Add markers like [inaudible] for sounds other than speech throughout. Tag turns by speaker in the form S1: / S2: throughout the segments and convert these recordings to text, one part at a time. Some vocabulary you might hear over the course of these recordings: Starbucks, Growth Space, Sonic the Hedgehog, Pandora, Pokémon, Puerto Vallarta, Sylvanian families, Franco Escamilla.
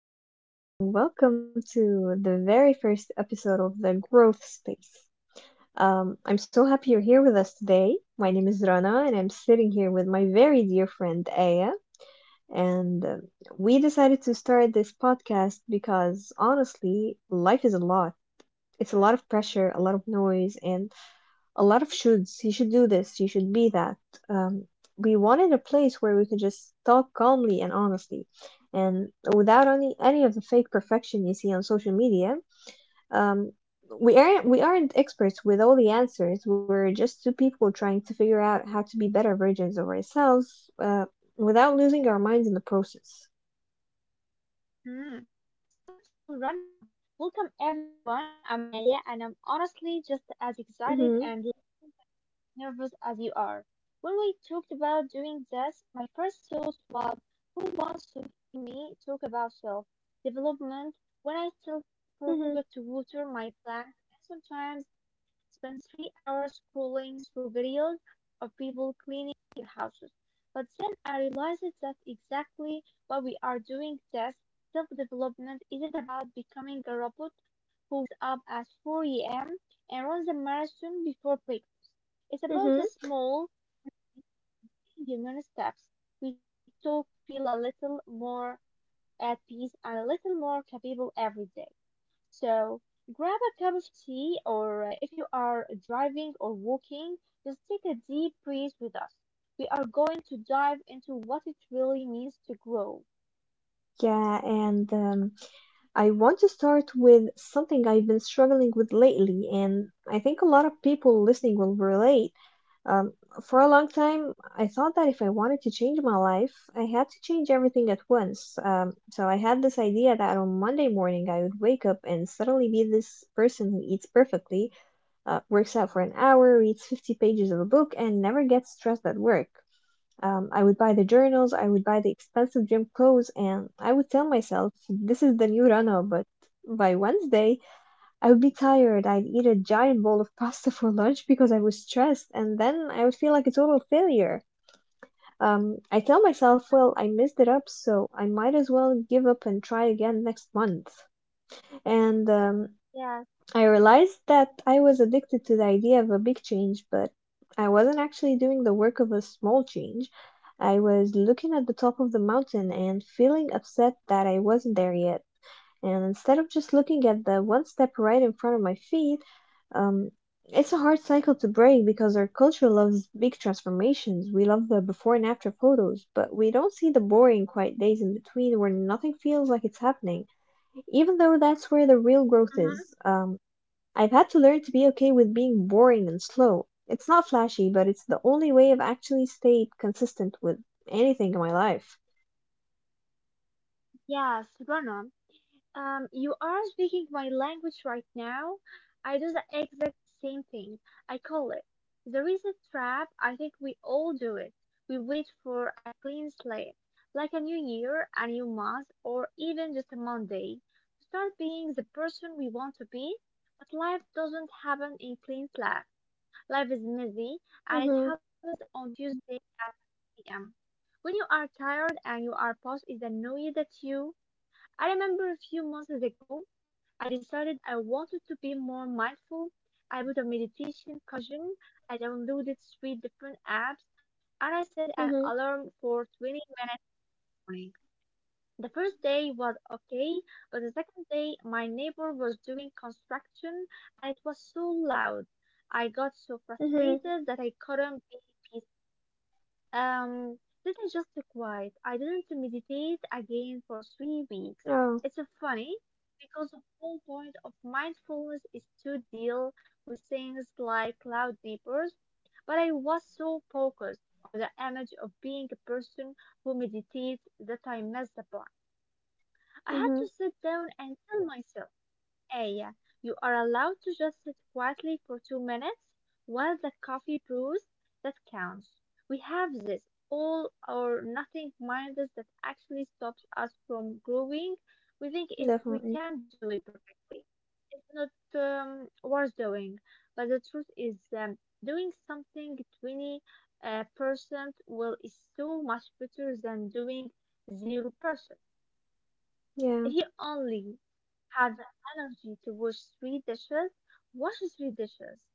S1: everyone, and welcome to the very first episode of the Growth Space. I'm so happy you're here with us today. My name is Rana, and I'm sitting here with my very dear friend Aya. And We decided to start this podcast because honestly, life is a lot. It's a lot of pressure, a lot of noise, and a lot of shoulds. You should do this. You should be that. Um, we wanted a place where we could just talk calmly and honestly, and without any of the fake perfection you see on social media. Um, we aren't experts with all the answers. We're just two people trying to figure out how to be better versions of ourselves without losing our minds in the process.
S2: Hmm, that is so true, Rana. Welcome everyone. I'm Aya and I'm honestly just as excited
S1: Mhm.
S2: and nervous as you are. When we talked about doing this, my first thought was, who wants to hear me talk about self development when I still forget
S1: Mhm.
S2: to water my plant and sometimes spend 3 hours scrolling through videos of people cleaning their houses? But then I realized that's exactly why we are doing this. Self-development isn't about becoming a robot who wakes up at four a.m. and runs a marathon before breakfast. It's about the
S1: Mhm.
S2: small human steps we took to feel a little more at peace and a little more capable every day. So grab a cup of tea or, if you are driving or walking, just take a deep breath with us. We are going to dive into what it really means to grow.
S1: Yeah, and I want to start with something I've been struggling with lately, and I think a lot of people listening will relate. Um, for a long time, I thought that if I wanted to change my life, I had to change everything at once. So I had this idea that on Monday morning, I would wake up and suddenly be this person who eats perfectly, works out for an hour, reads 50 pages of a book, and never gets stressed at work. I would buy the journals, I would buy the expensive gym clothes, and I would tell myself, this is the new runner, but by Wednesday, I would be tired. I'd eat a giant bowl of pasta for lunch because I was stressed, and then I would feel like a total failure. I tell myself, well, I messed it up, so I might as well give up and try again next month. And
S2: Yes.
S1: I realized that I was addicted to the idea of a big change, but I wasn't actually doing the work of a small change. I was looking at the top of the mountain and feeling upset that I wasn't there yet. And instead of just looking at the one step right in front of my feet, um, it's a hard cycle to break because our culture loves big transformations. We love the before and after photos, but we don't see the boring, quiet days in between where nothing feels like it's happening even though that's where the real
S2: Uh
S1: growth
S2: huh.
S1: is. I've had to learn to be okay with being boring and slow. It's not flashy, but it's the only way I've actually stayed consistent with anything in my life.
S2: Yes, Rana. You are speaking my language right now. I do the exact same thing. I call it. There is a trap. I think we all do it. We wait for a clean slate, like a new year, a new month, or even just a Monday, to start being the person we want to be. But life doesn't happen in clean slate. Life is messy, and it
S1: Mhm.
S2: happens on Tuesday at 8 p.m. When you are tired and your boss is annoyed at you, I remember a few months ago, I decided I wanted to be more mindful. I bought a meditation cushion, I downloaded three different apps, and I set an
S1: Mhm.
S2: alarm for 20 in the morning. The first day was okay, but the second day my neighbor was doing construction and it was so loud. I got so
S1: Mhm.
S2: frustrated that I couldn't be, um, this is just a quiet. I didn't meditate again for 3 weeks.
S1: Oh.
S2: It's funny because the whole point of mindfulness is to deal with things like cloud neighbors, but I was so focused on the image of being a person who meditates that I messed up on. I had
S1: Mhm.
S2: to sit down and tell myself. A. You are allowed to just sit quietly for 2 minutes while the coffee brews. That counts. We have this all or nothing mindset that actually stops us from growing. We think if we
S1: Definitely.
S2: can do it perfectly, it's not worth doing. But the truth is, doing something 20% uh, well is so much better than doing 0%.
S1: Yeah.
S2: He only had the energy to wash three dishes. Wash three dishes.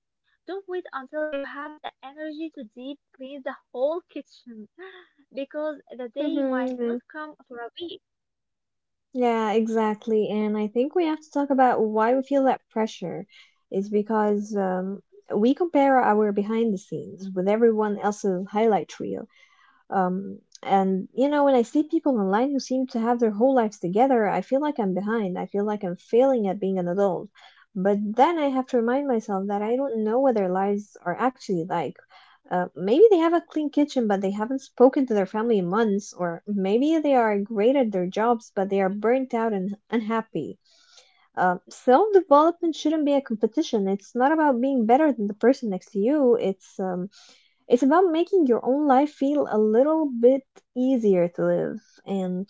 S2: Don't wait until you have the energy to deep clean the whole kitchen [gasps] [laughs] because the day might
S1: Mhm.
S2: not come for a week.
S1: Yeah, yeah, exactly. And I think we have to talk about why we feel that pressure is because we compare our behind the scenes with everyone else's highlight reel. And you know, when I see people online who seem to have their whole lives together, I feel like I'm behind. I feel like I'm failing at being an adult. But then I have to remind myself that I don't know what their lives are actually like. Maybe they have a clean kitchen, but they haven't spoken to their family in months, or maybe they are great at their jobs, but they are burnt out and unhappy. Self development shouldn't be a competition. It's not about being better than the person next to you. It's about making your own life feel a little bit easier to live. And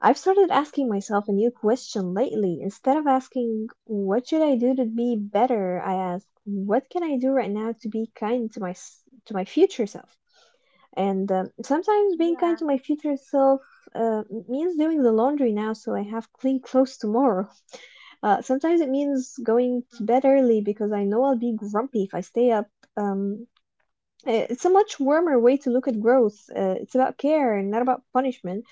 S1: I've started asking myself a new question lately. Instead of asking, what should I do to be better? I ask, what can I do right now to be kind to to my future self? And Sometimes being kind to
S2: Yeah.
S1: my future self uh, means doing the laundry now so I have clean clothes tomorrow. [laughs] Sometimes it means going to bed early because I know I'll be grumpy if I stay up. Um, it's a much
S2: Yeah.
S1: warmer way to look at growth. It's about care and not about punishment.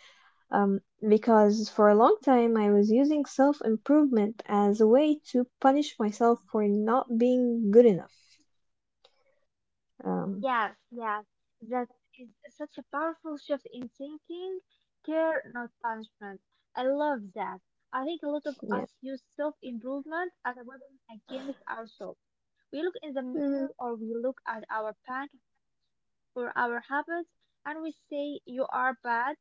S1: Um, because for a long time, I was using self improvement as a way to punish myself for not being good enough. Um,
S2: Yes, yes. That is such a powerful shift in thinking, care, not punishment. I love that. I think a lot of us
S1: yeah.
S2: use self improvement as a weapon against ourselves. We look in the mirror
S1: Mhm.
S2: or we look at our bank for our habits and we say, you are bad,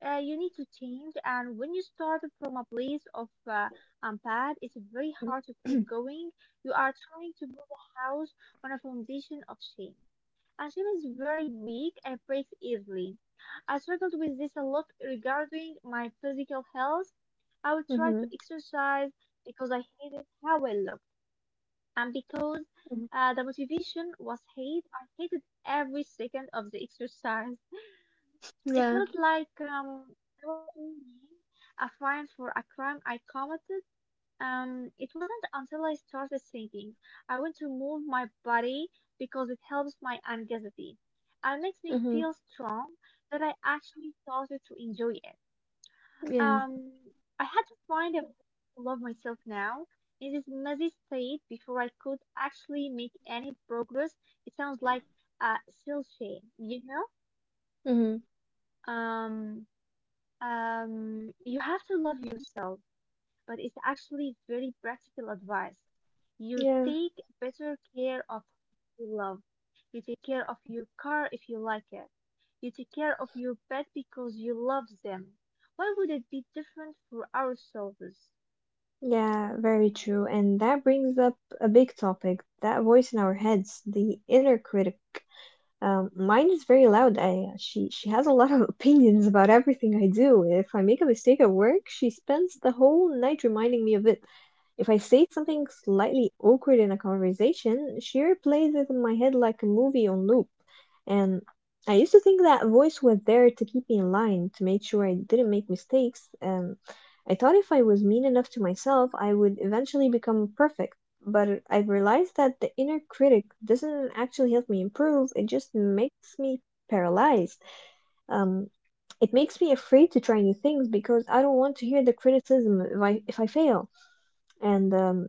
S2: you need to change. And when you start from a place of, I'm bad, it's very hard to
S1: Mhm.
S2: keep going. You are trying to build a house on a foundation of shame. And shame is very weak and breaks easily. I struggled with this a lot regarding my physical health. I would try to
S1: Mhm.
S2: exercise because I hated how I looked. And because the motivation was hate, I hated every second of the exercise.
S1: [clears throat]
S2: It
S1: Yeah.
S2: felt like, I was paying a fine for a crime I committed. It wasn't until I started thinking, I want to move my body because it helps my anxiety and makes me
S1: Mhm.
S2: feel strong, that I actually started to enjoy it.
S1: Yeah.
S2: Um, I had to find a way to love myself now. In this messy state, before I could actually make any progress, it sounds like a still shame, you know?
S1: Mhm.
S2: Um, you have to love yourself, but it's actually very practical advice. You
S1: Yeah.
S2: take better care of your love. You take care of your car if you like it. You take care of your pet because you love them. Why would it be different for ourselves?
S1: Yeah, very true. And that brings up a big topic, that voice in our heads, the inner critic. Mine is very loud. I she has a lot of [laughs] opinions about everything I do. If I make a mistake at work, she spends the whole night reminding me of it. If I say something slightly awkward in a conversation, she replays it in my head like a movie on loop. And I used to think that voice was there to keep me in line, to make sure I didn't make mistakes. I thought if I was mean enough to myself, I would eventually become perfect. But I've realized that the inner critic doesn't actually help me improve. It just makes me paralyzed. Um, it makes me afraid to try new things because I don't want to hear the criticism if I fail. And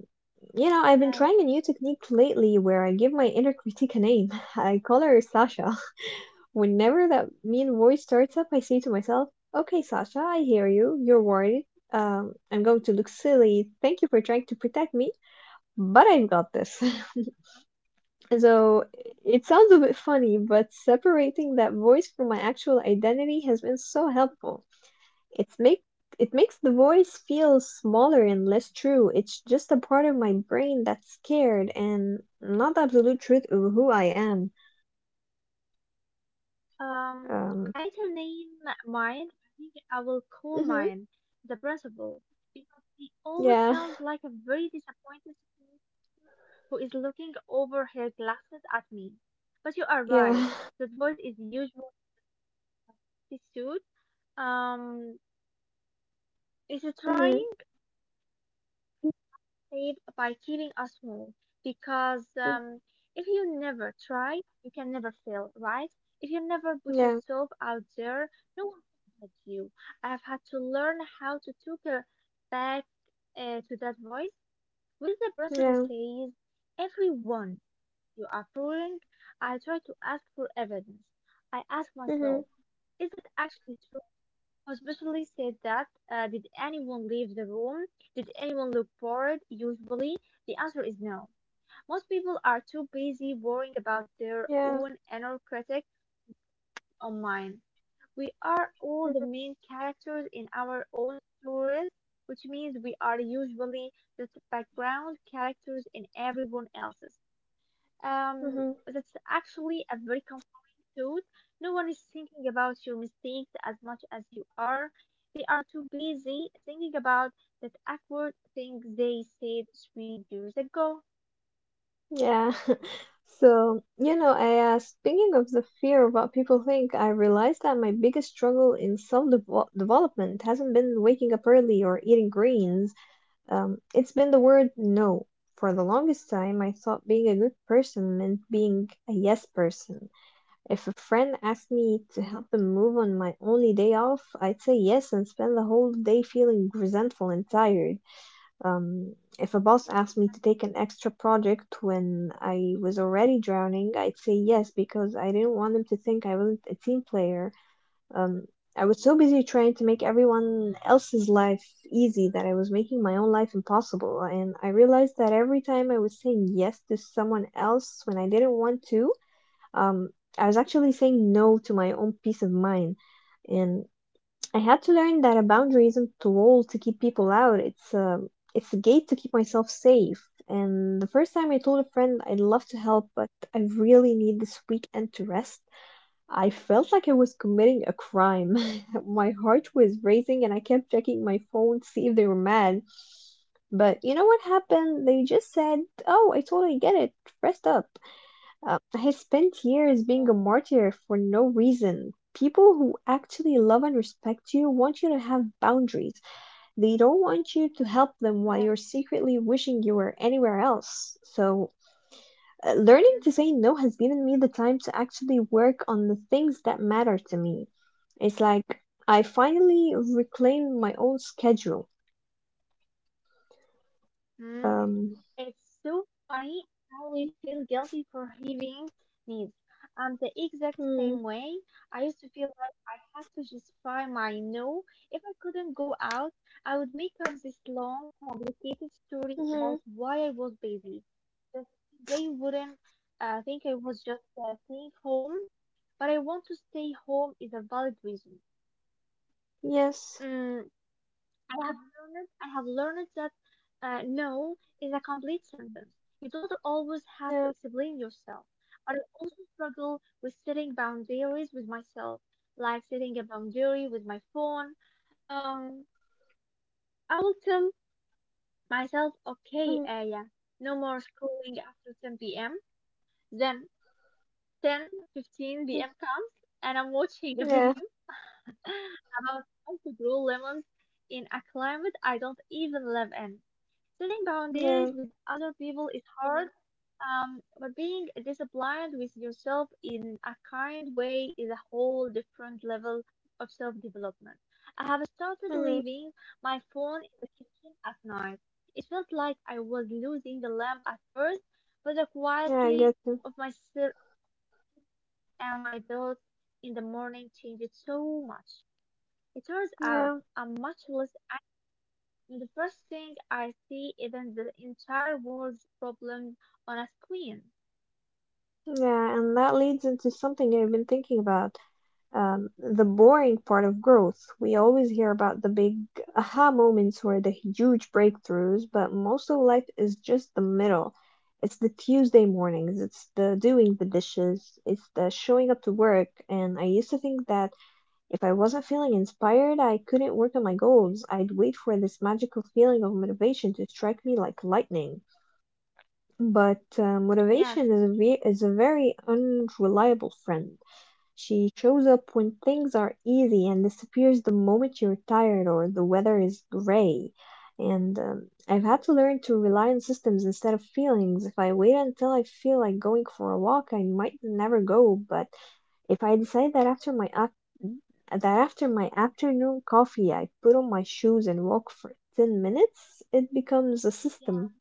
S1: You know, I've been
S2: Yeah.
S1: trying a new technique lately where I give my inner critic a name. [laughs] I call her Sasha. [laughs] Whenever that mean voice starts up, I say to myself, "Okay, Sasha, I hear you. You're worried. I'm going to look silly. Thank you for trying to protect me, but I've got this." [laughs] So it
S2: Mm-hmm.
S1: sounds a bit funny, but separating that voice from my actual identity has been so helpful. It's make it makes the voice feel smaller and less true. It's just a part of my brain that's scared and not the absolute truth of who I am. Um.
S2: I can name mine. I think I will call
S1: Mhm.
S2: mine the principal because he always
S1: Yeah.
S2: sounds like a very disappointed teacher who is looking over her glasses at me. But you are
S1: Yeah.
S2: right.
S1: [laughs]
S2: That voice is usually suit. Um, is it
S1: [sighs] Mhm.
S2: trying? Save by keeping us home because,
S1: Mm.
S2: if you never try, you can never fail, right? If you never put
S1: Yeah.
S2: yourself out there, no one can help you. I have had to learn how to take a back to that voice. When the principal
S1: Yeah.
S2: says, "Everyone, you are fooling." I try to ask for evidence. I ask
S1: Mhm.
S2: myself, "Is that actually true?" Hospitally said that. Did anyone leave the room? Did anyone look bored? You the answer is no. Most people are too busy worrying about their
S1: Yeah.
S2: own inner critic on. We are all the
S1: Mhm.
S2: main characters in our own stories, which means we are usually just background characters in everyone else's.
S1: Mhm.
S2: That's actually a very comforting thought. No one is thinking about your mistakes as much as you are. They are too busy thinking about that awkward thing they said 3 years ago.
S1: Yeah. [laughs] So, you know, I speaking of the fear of what people think, I realized that my biggest struggle in self-development hasn't been waking up early or eating greens. It's been the word no. For the longest time, I thought being a good person meant being a yes person. If a friend asked me to help them move on my only day off, I'd say yes and spend the whole day feeling resentful and tired. If a boss asked me to take an extra project when I was already drowning, I'd say yes because I didn't want him to think I wasn't a team player. Um, I was so busy trying to make everyone else's life easy that I was making my own life impossible. And I realized that every time I was saying yes to someone else when I didn't want to, um, I was actually saying no to my own peace of mind. And I had to learn that a boundary isn't a wall to keep people out. It's a gate to keep myself safe. And the first time I told a friend I'd love to help, but I really need this weekend to rest, I felt like I was committing a crime. [laughs] My heart was racing and I kept checking my phone to see if they were mad. But you know what happened? They just said, "Oh, I totally get it. Rest up." I spent years being a
S2: Oh,
S1: martyr for no reason. People who actually love and respect you want you to have boundaries. They don't want you to help them while you're
S2: yeah.
S1: secretly wishing you were anywhere else. So, learning to say no has given me the time to actually work on the things that matter to me. It's like I finally reclaimed my own schedule.
S2: Mm.
S1: Um,
S2: It's so funny how we feel guilty for having needs. I'm the exact
S1: mm,
S2: same way. I used to feel like I had to justify my no. If I couldn't go out, I would make up this long, complicated story
S1: mhm,
S2: about why I was busy. Just they wouldn't think I was just staying home, but I want to stay home is a valid reason.
S1: yes,
S2: Mm. I have learned that, no is a complete sentence. You don't always have to
S1: yeah,
S2: explain yourself. I also struggle with setting boundaries with myself, like setting a boundary with my phone. Um, I will tell myself, okay,
S1: mm,
S2: Aya, no more scrolling after 10 p.m. Then 10:15
S1: mm,
S2: p.m. comes and I'm watching a [laughs]
S1: yeah,
S2: video about how to grow lemons in a climate I don't even live in. Setting boundaries
S1: yeah,
S2: with other people is hard, but being disciplined with yourself in a kind way is a whole different level of self development. I have started
S1: mm,
S2: leaving my phone in the kitchen at night. It felt like I was losing the lamp at first, but the
S1: yeah, I
S2: quietly
S1: guess.
S2: of myself and my thoughts in the morning changed so much. It turns out
S1: Yeah,
S2: I'm much less anxious when the first thing I see isn't the entire world's problems on a screen.
S1: yeah, and that leads into something I've been thinking about, the boring part of growth. We always hear about the big aha moments or the huge breakthroughs, but most of life is just the middle. It's the Tuesday mornings, it's the doing the dishes, it's the showing up to work. And I used to think that if I wasn't feeling inspired, I couldn't work on my goals. I'd wait for this magical feeling of motivation to strike me like lightning. But
S2: Yes,
S1: motivation is is a very unreliable friend. She shows up when things are easy and disappears the moment you're tired or the weather is gray. And I've had to learn to rely on systems instead of feelings. If I wait until I feel like going for a walk, I might never go. But if I decide that that after my afternoon coffee, I put on my shoes and walk for 10 minutes, it becomes a
S2: yeah,
S1: system.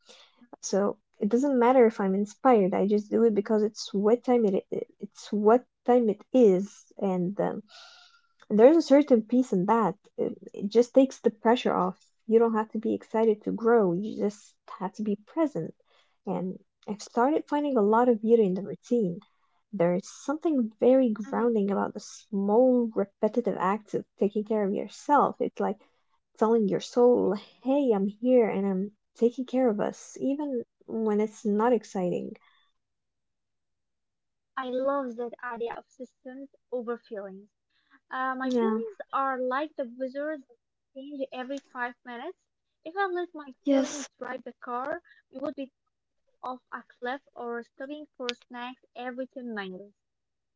S1: So it doesn't matter if I'm inspired. I just do it because it's what time it is, and there's a certain peace in that. It just takes the pressure off. You don't have to be excited to grow. You just have to be present. And I've started finding a lot of beauty in the routine. There's something very grounding
S2: mhm.
S1: about the small repetitive acts of taking care of yourself. It's like telling your soul, hey, I'm here and I'm taking care of us, even when it's not exciting.
S2: I love that idea of systems over feelings. My
S1: Yeah.
S2: feelings are like the weather that change every 5 minutes. If I let my feelings
S1: Yes.
S2: drive the car, we would be off a cliff or stopping for snacks every 10 minutes.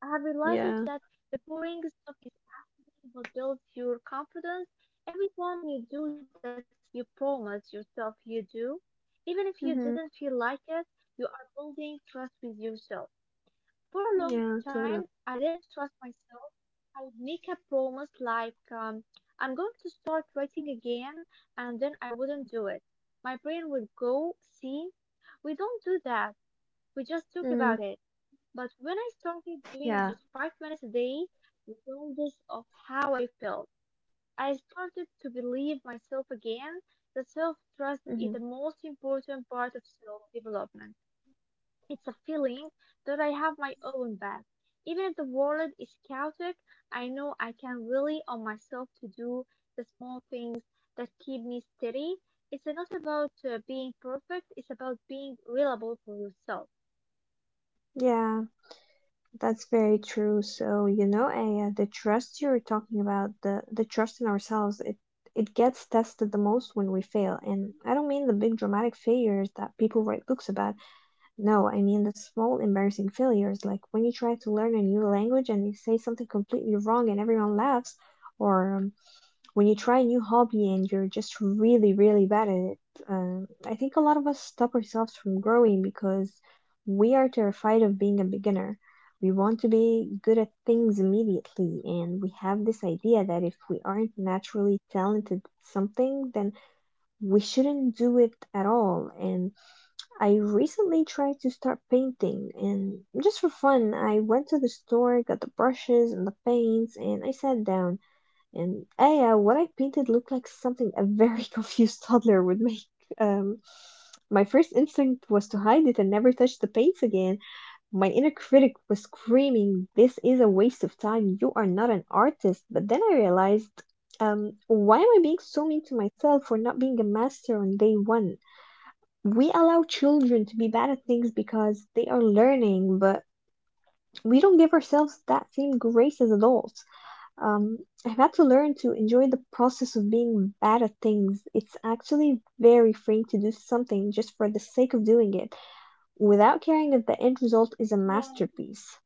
S2: I have realized
S1: Yeah.
S2: that the boring stuff is actually what builds your confidence. Every time you do that small thing you promise yourself you do, even if you
S1: Mm-hmm.
S2: didn't feel like it, you are building trust with yourself. For a long
S1: Yeah,
S2: time,
S1: totally.
S2: I didn't trust myself. I would make a promise like, I'm going to start writing again, and then I wouldn't do it. My brain would go, see, we don't do that. We just talk
S1: Mm.
S2: about it. But when I started
S1: Yeah.
S2: doing just 5 minutes a day, regardless of how I felt, I started to believe myself again. The self trust
S1: Mm-hmm.
S2: is the most important part of self development. It's a feeling that I have my own back. Even if the world is chaotic, I know I can rely on myself to do the small things that keep me steady. It's not about being perfect, it's about being reliable for yourself.
S1: Yeah, that's very true. So, you know, Aya, the trust you're talking about, the trust in ourselves, it gets tested the most when we fail. And I don't mean the big dramatic failures that people write books about. No, I mean the small embarrassing failures, like when you try to learn a new language and you say something completely wrong and everyone laughs, or when you try a new hobby and you're just really, really bad at it. I think a lot of us stop ourselves from growing because we are terrified of being a beginner. We want to be good at things immediately, and we have this idea that if we aren't naturally talented at something, then we shouldn't do it at all. And I recently tried to start painting, and just for fun, I went to the store, got the brushes and the paints, and I sat down. And yeah, what I painted looked like something a very [laughs] confused toddler would make. Um, my first instinct was to hide it and never touch the paints again. My inner critic was screaming, "This is a waste of time. You are not an artist." But then I realized, why am I being so mean to myself for not being a master on day one? We allow children to be bad at things because they are learning, but we don't give ourselves that same grace as adults. Um, I've had to learn to enjoy the process of being bad at things. It's actually very freeing to do something just for the sake of doing it, without caring if the end result is a masterpiece.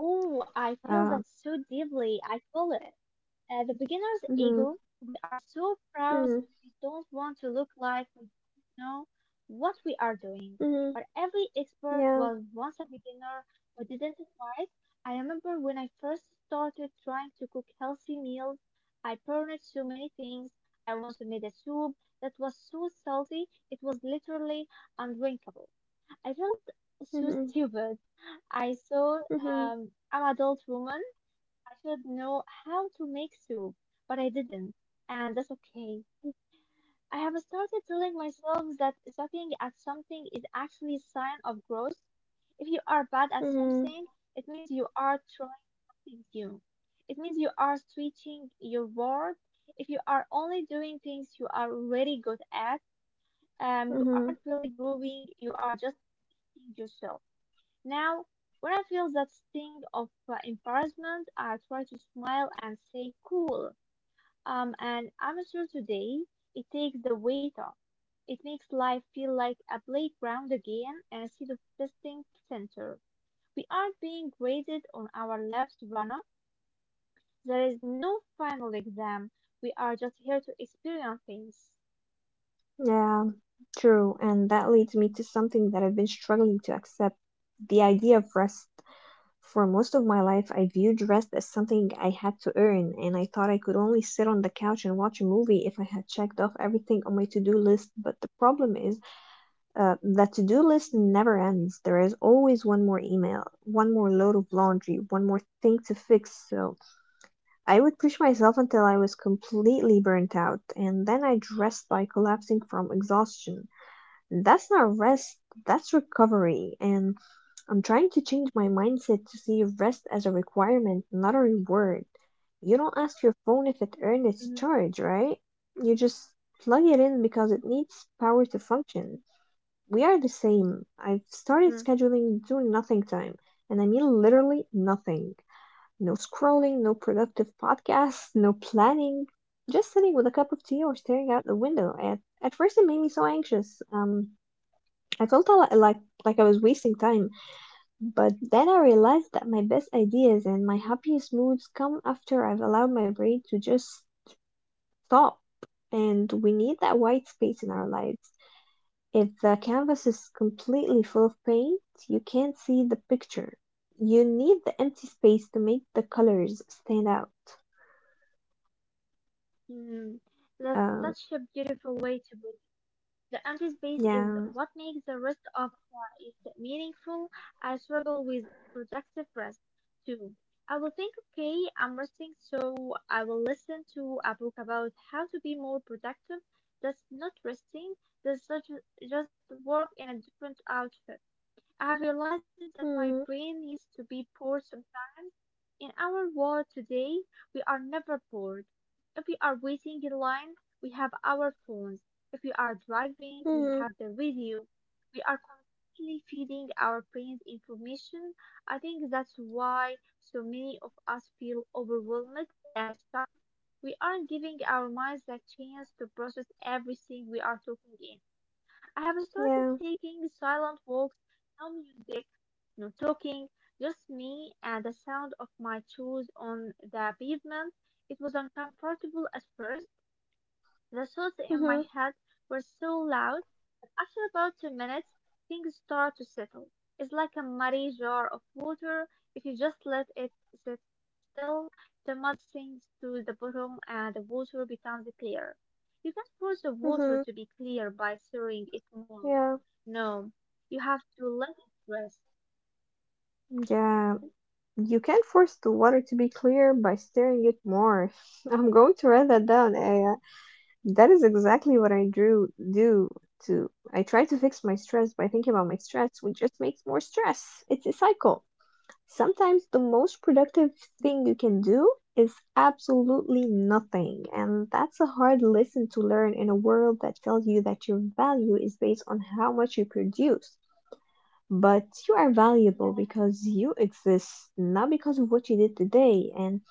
S2: Oh, I feel
S1: Uh,
S2: that so deeply. I feel it. The beginner's
S1: mhm,
S2: ego, we are so proud
S1: mhm,
S2: that we don't want to look like we don't know what we are doing.
S1: mhm,
S2: But every expert
S1: yeah,
S2: was once a beginner who didn't fight. I remember when I first started trying to cook healthy meals, I burned so many things. I once made a soup that was so salty it was literally undrinkable. I felt so
S1: mhm,
S2: stupid. I saw,
S1: mhm,
S2: an adult woman. I should know how to make soup, but I didn't, and that's okay. I have started telling myself that sucking at something is actually a sign of growth. If you are bad at
S1: mhm,
S2: something, it means you are trying something new. It means you are stretching your world. If you are only doing things you are really good at, you
S1: mhm.
S2: aren't really growing. You are just being yourself. Now, when I feel that sting of embarrassment, I try to smile and say, cool, and I'm an amateur today. It takes the weight off. It makes life feel like a playground again instead of testing center. We aren't being graded on our life's There is no final exam. We are just here to experience things.
S1: Yeah, true. And that leads me to something that I've been struggling to accept, the idea of rest. For most of my life, I viewed rest as something I had to earn, and I thought I could only sit on the couch and watch a movie if I had checked off everything on my to-do list. But the problem is, the to-do list never ends. There is always one more email, one more load of laundry, one more thing to fix. So I would push myself until I was completely burnt out, and then I'd rest by collapsing from exhaustion. That's not rest, that's recovery. And I'm trying to change my mindset to see rest as a requirement, not a reward. You don't ask your phone if it earned its
S2: Mhm.
S1: charge, right? You just plug it in because it needs power to function. We are the same. I've started
S2: mhm,
S1: scheduling do nothing time, and I mean literally nothing. No scrolling, no productive podcasts, no planning. Just sitting with a cup of tea or staring out the window. At first, it made me so anxious. I felt like I was wasting time, but then I realized that my best ideas and my happiest moods come after I've allowed my brain to just stop. And we need that white space in our lives. If the canvas is completely full of paint, you can't see the picture. You need the empty space to make the colors stand out.
S2: mhm. That's
S1: Um,
S2: such a beautiful way to The empty space is
S1: yeah.
S2: what makes the rest of it meaningful. I struggle with productive rest too. I will think, okay, I'm resting, so I will listen to a book about how to be more productive. That's not resting, that's such, just work in a different outfit. I have realized that my
S1: Hmm.
S2: brain needs to be forced. In our world today, we are never bored. If we are waiting in line, we have our phones. If we are driving, we
S1: Hmm.
S2: have the radio. We are constantly feeding our brains information. I think that's why so many of us feel overwhelmed and stuck. We aren't giving our minds the chance to process everything we are taking in. I have started
S1: Yeah.
S2: taking silent walks, no music, no talking, just me and the sound of my shoes on the pavement. It was uncomfortable at first. The thoughts in my
S1: Hmm.
S2: head were so loud. After about 2 minutes things start to settle. It's like a muddy jar of water. If you just let it sit still, the mud sinks to the bottom and the water becomes clear. You can't force the water
S1: Hmm.
S2: to be clear by stirring it more.
S1: Yeah.
S2: No, you have to let it rest.
S1: Yeah. You can force the water to be clear by stirring it more. [laughs] I'm going to write that down, Aya. That is exactly what I drew do to. I try to fix my stress by thinking about my stress, which just makes more stress. It's a cycle. Sometimes the most productive thing you can do is absolutely nothing, and that's a hard lesson to learn in a world that tells you that your value is based on how much you produce. But you are valuable
S2: Yes.
S1: because you exist, not because of what you did today. And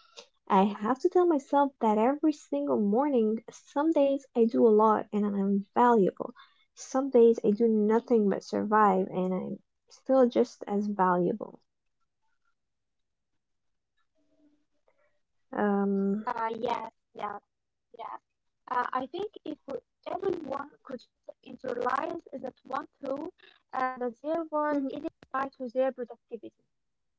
S1: I have to tell myself that every single morning. Some days I do a lot and I'm valuable. Some days I do nothing but survive and I'm still just as valuable.
S2: Mm.
S1: Um,
S2: Yes, yes, yes. I think if we- everyone could just internalize that one thought, that there was
S1: mhm,
S2: any right to their productivity.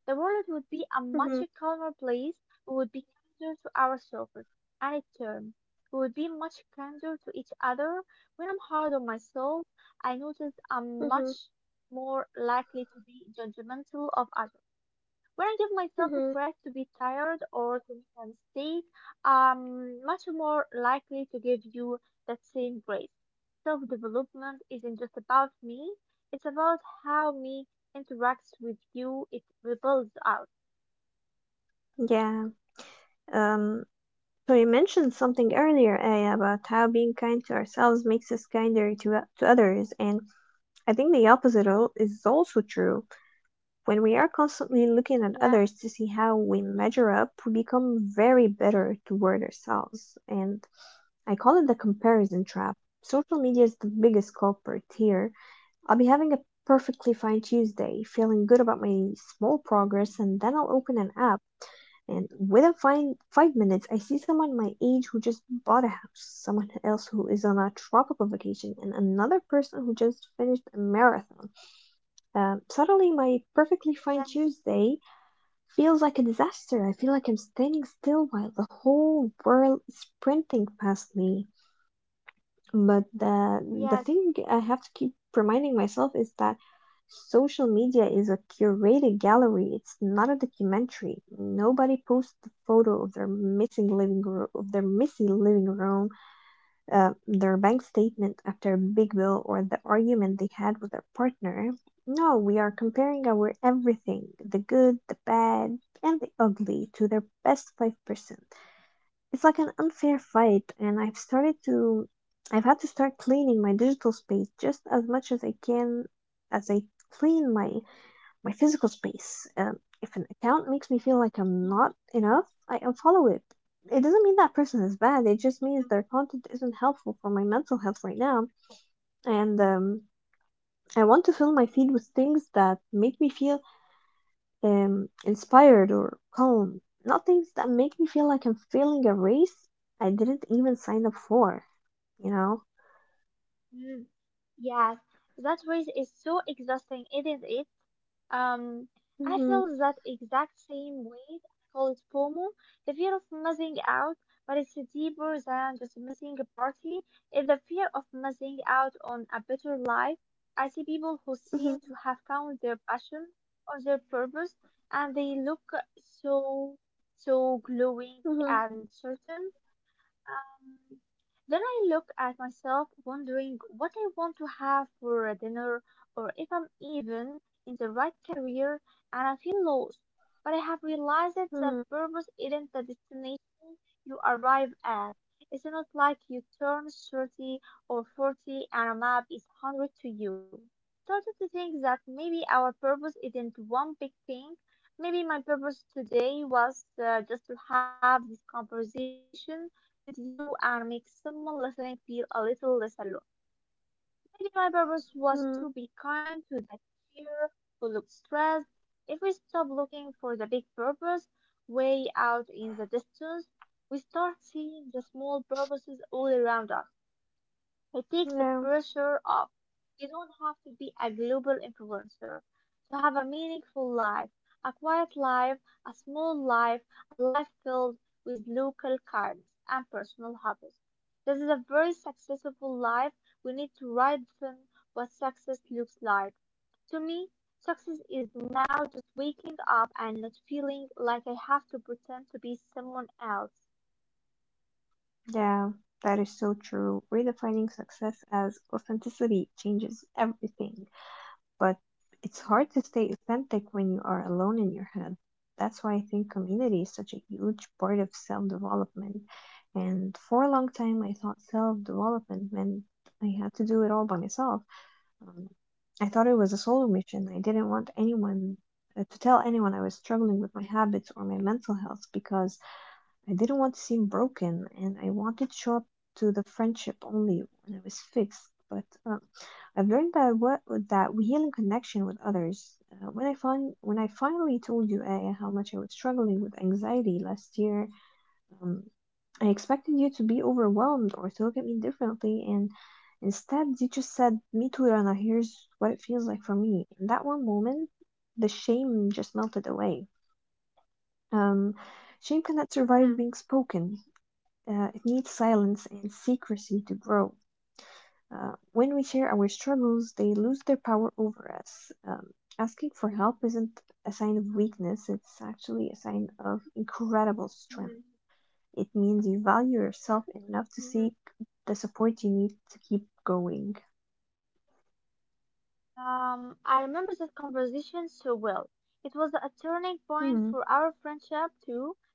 S2: The world would be a much
S1: mhm,
S2: calmer place. We would be kinder to ourselves, and in turn, we would be much kinder to each other. When I'm hard on myself, I notice I'm
S1: mhm,
S2: much more likely to be judgmental of others. When I give myself a
S1: mhm.
S2: credit to be tired or to make a mistake, I'm much more likely to give you that same grace. Self development isn't just about me, it's about how me interacts with you, it rebuilds us.
S1: Yeah. Um, so you mentioned something earlier, Aya, about how being kind to ourselves makes us kinder to others. And I think the opposite al- is also true. When we are constantly looking at
S2: Yeah,
S1: others to see how we measure up, we become very bitter toward ourselves. And I call it the comparison trap. Social media is the biggest culprit here. I'll be having a perfectly fine Tuesday, feeling good about my small progress, and then I'll open an app. And within five minutes, I see someone my age who just bought a house, someone else who is on a tropical vacation, and another person who just finished a marathon. Suddenly, my perfectly
S2: yeah,
S1: fine Tuesday feels like a disaster. I feel like I'm standing still while the whole world is sprinting past me. But the
S2: yes,
S1: thing I have to keep reminding myself is that social media is a curated gallery. It's not a documentary. Nobody posts the photo of their messy living room, their bank statement after a big bill or the argument they had with their partner. No, we are comparing our everything, the good, the bad, and the ugly to their best 5%. It's like an unfair fight, and I've started to. I've had to start cleaning my digital space just as much as I can as I clean my physical space. If an account makes me feel like I'm
S2: yes,
S1: not enough, I unfollow it. It doesn't mean that person is bad, it just means their content isn't helpful for my mental health right now. And I want to fill my feed with things that make me feel inspired or calm, not things that make me feel like I'm failing a race I didn't even sign up for, you know?
S2: mm, yes. That race is so exhausting, isn't it? Um, I
S1: Mm-hmm,
S2: feel that exact same way. I call it FOMO, the fear of missing out, but it's deeper than just missing a party. It's the fear of missing out on a better life. I see people who seem
S1: mm-hmm,
S2: to have found their passion or their purpose, and they look so, so glowing
S1: mm-hmm,
S2: and certain. Um, then I look at myself wondering what I want to have for dinner or if I'm even in the right career and I feel lost. But I have realized that
S1: mm-hmm,
S2: purpose isn't the destination you arrive at. It's not like you turn 30 or 40 and a map is 100 to you. I've started to think that maybe our purpose isn't one big thing. Maybe my purpose today was just to have this conversation with you and make someone listening feel a little less alone. Maybe my purpose was
S1: mm-hmm.
S2: to be kind to that cheer who looks stressed. If we stop looking for the big purpose way out in the distance, we start seeing the small purposes all around us. It takes the
S1: Yeah.
S2: pressure off. You don't have to be a global influencer to have a meaningful life, a quiet life, a small life, a life filled with local kindness and personal hobbies. This is a very successful life. We need to redefine what success looks like. To me, success is now just waking up and not feeling like I have to pretend to be someone else.
S1: Yeah, that is so true. Redefining success as authenticity changes everything, but it's hard to stay authentic when you are alone in your head. That's why I think community is such a huge part of self development. And for a long time, I thought self development meant I had to do it all by myself. Um, I thought it was a solo mission. I didn't want anyone to tell anyone I was struggling with my habits or my mental health because I didn't want to seem broken, and I wanted short to the friendship only when it was fixed. But I've learned that what that we heal in connection with others. When I finally told you Aya, how much I was struggling with anxiety last year, um, I expected you to be overwhelmed or to look at me differently, and instead you just said, "Me too, Rana. Here's what it feels like for me." In that one moment, the shame just melted away. Um, shame cannot survive being
S2: Mm-hmm.
S1: spoken. It needs silence and secrecy to grow. When we share our struggles, they lose their power over us. Asking for help isn't a sign of weakness, it's actually a sign of incredible
S2: Hmm.
S1: strength. It means you value yourself enough to
S2: Hmm.
S1: seek the support you need to keep going.
S2: I remember that conversation so well. It was a turning
S1: Hmm.
S2: point for our friendship too.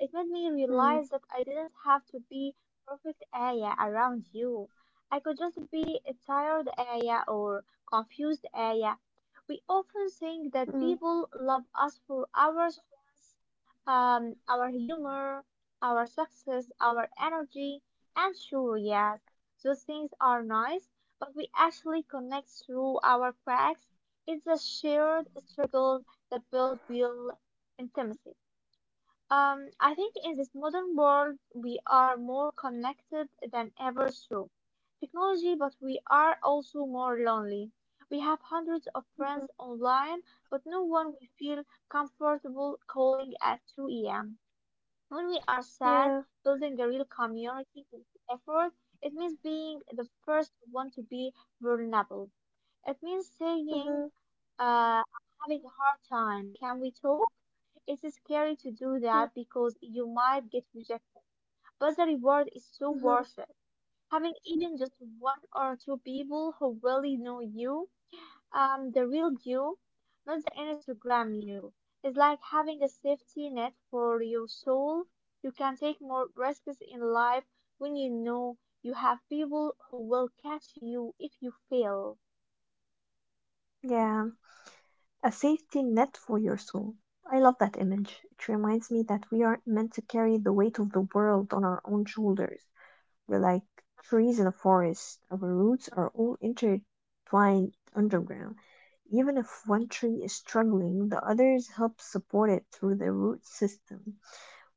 S2: It made me
S1: Hmm.
S2: realize that I didn't have to be perfect Aya around you. I could just be a tired Aya or confused Aya. We often think that
S1: Hmm.
S2: people love us for our strengths, our humor, our success, our energy, and sure, yes, those things are nice, but we actually connect through our cracks. It's the shared struggles that build real intimacy. I think in this modern world, we are more connected than ever through technology, but we are also more lonely. We have hundreds of
S1: Mhm.
S2: friends online, but no one we feel comfortable calling at 2 a.m. when we are sad.
S1: Yeah.
S2: Building a real community is effort. It means being the first one to be vulnerable. It means saying
S1: Mhm,
S2: I'm having a hard time. Can we talk? It's scary to do
S1: mhm,
S2: that because you might get rejected, but the reward is so
S1: mhm.
S2: worth it. Having even just one or two people who really know you, the real you, not the Instagram you, is like having a safety net for your soul. You can take more risks in life when you know you have people who will catch you if you fail.
S1: Yeah. A safety net for your soul. I love that image. It reminds me that we aren't meant to carry the weight of the world on our own shoulders. We're like trees in a forest. Our roots are all intertwined underground. Even if one tree is struggling, the others help support it through the root system.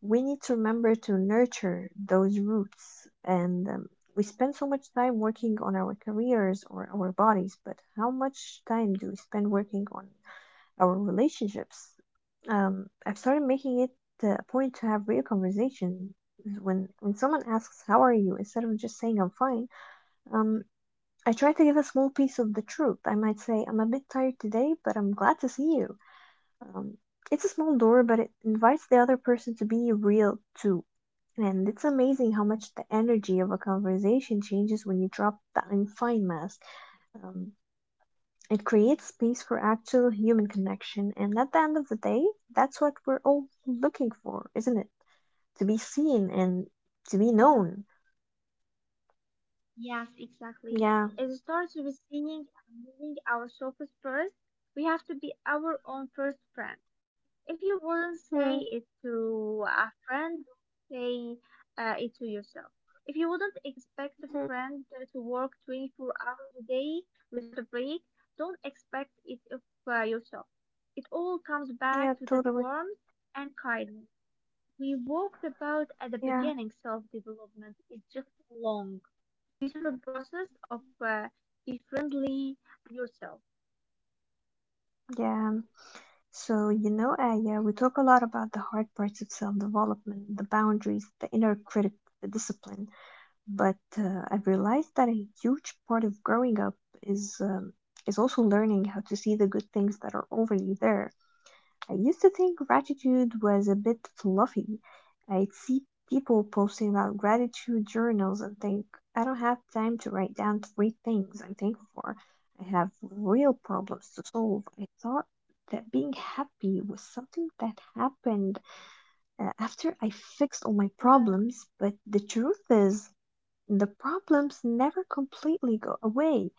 S1: We need to remember to nurture those roots. And we spend so much time working on our careers or our bodies, but how much time do we spend working on our relationships. I've started making it a point to have real conversation. When someone asks how are you, instead of just saying I'm fine, um, I try to give a small piece of the truth. I might say I'm a bit tired today, but I'm glad to see you. Um, it's a small door, but it invites the other person to be real too. And it's amazing how much the energy of a conversation changes when you drop that I'm fine mask. Um, it creates space for actual human connection, and at the end of the day, that's what we're all looking for, isn't it? To be seen and to be
S2: Mm-hmm.
S1: known.
S2: Yes,
S1: Yeah.
S2: exactly. It starts with seeing and moving ourselves first. We have to be our own first friend. If you wouldn't
S1: Mm-hmm.
S2: say it to a friend, say it to yourself. If you wouldn't expect a friend to work 24 hours a day without a break, don't expect it of yourself. It all comes
S1: Yeah,
S2: back to that
S1: totally.
S2: warmth and kindness we walked about at the
S1: Yeah.
S2: beginning. Self development is just long beautiful process of uh, befriending yourself.
S1: Yeah. So Aya, we talk a lot about the hard parts of self development, the boundaries, the inner critic, the discipline. But I've realized that a huge part of growing up is um, is also learning how to see the good things that are already there. I used to think gratitude was a bit fluffy. I'd see people posting about gratitude journals and think, I don't have time to write down three things I'm thankful for. I have real problems to solve. I thought that being happy was something that happened after I fixed all my
S2: Yeah,
S1: problems, but the truth is, the problems never completely go away.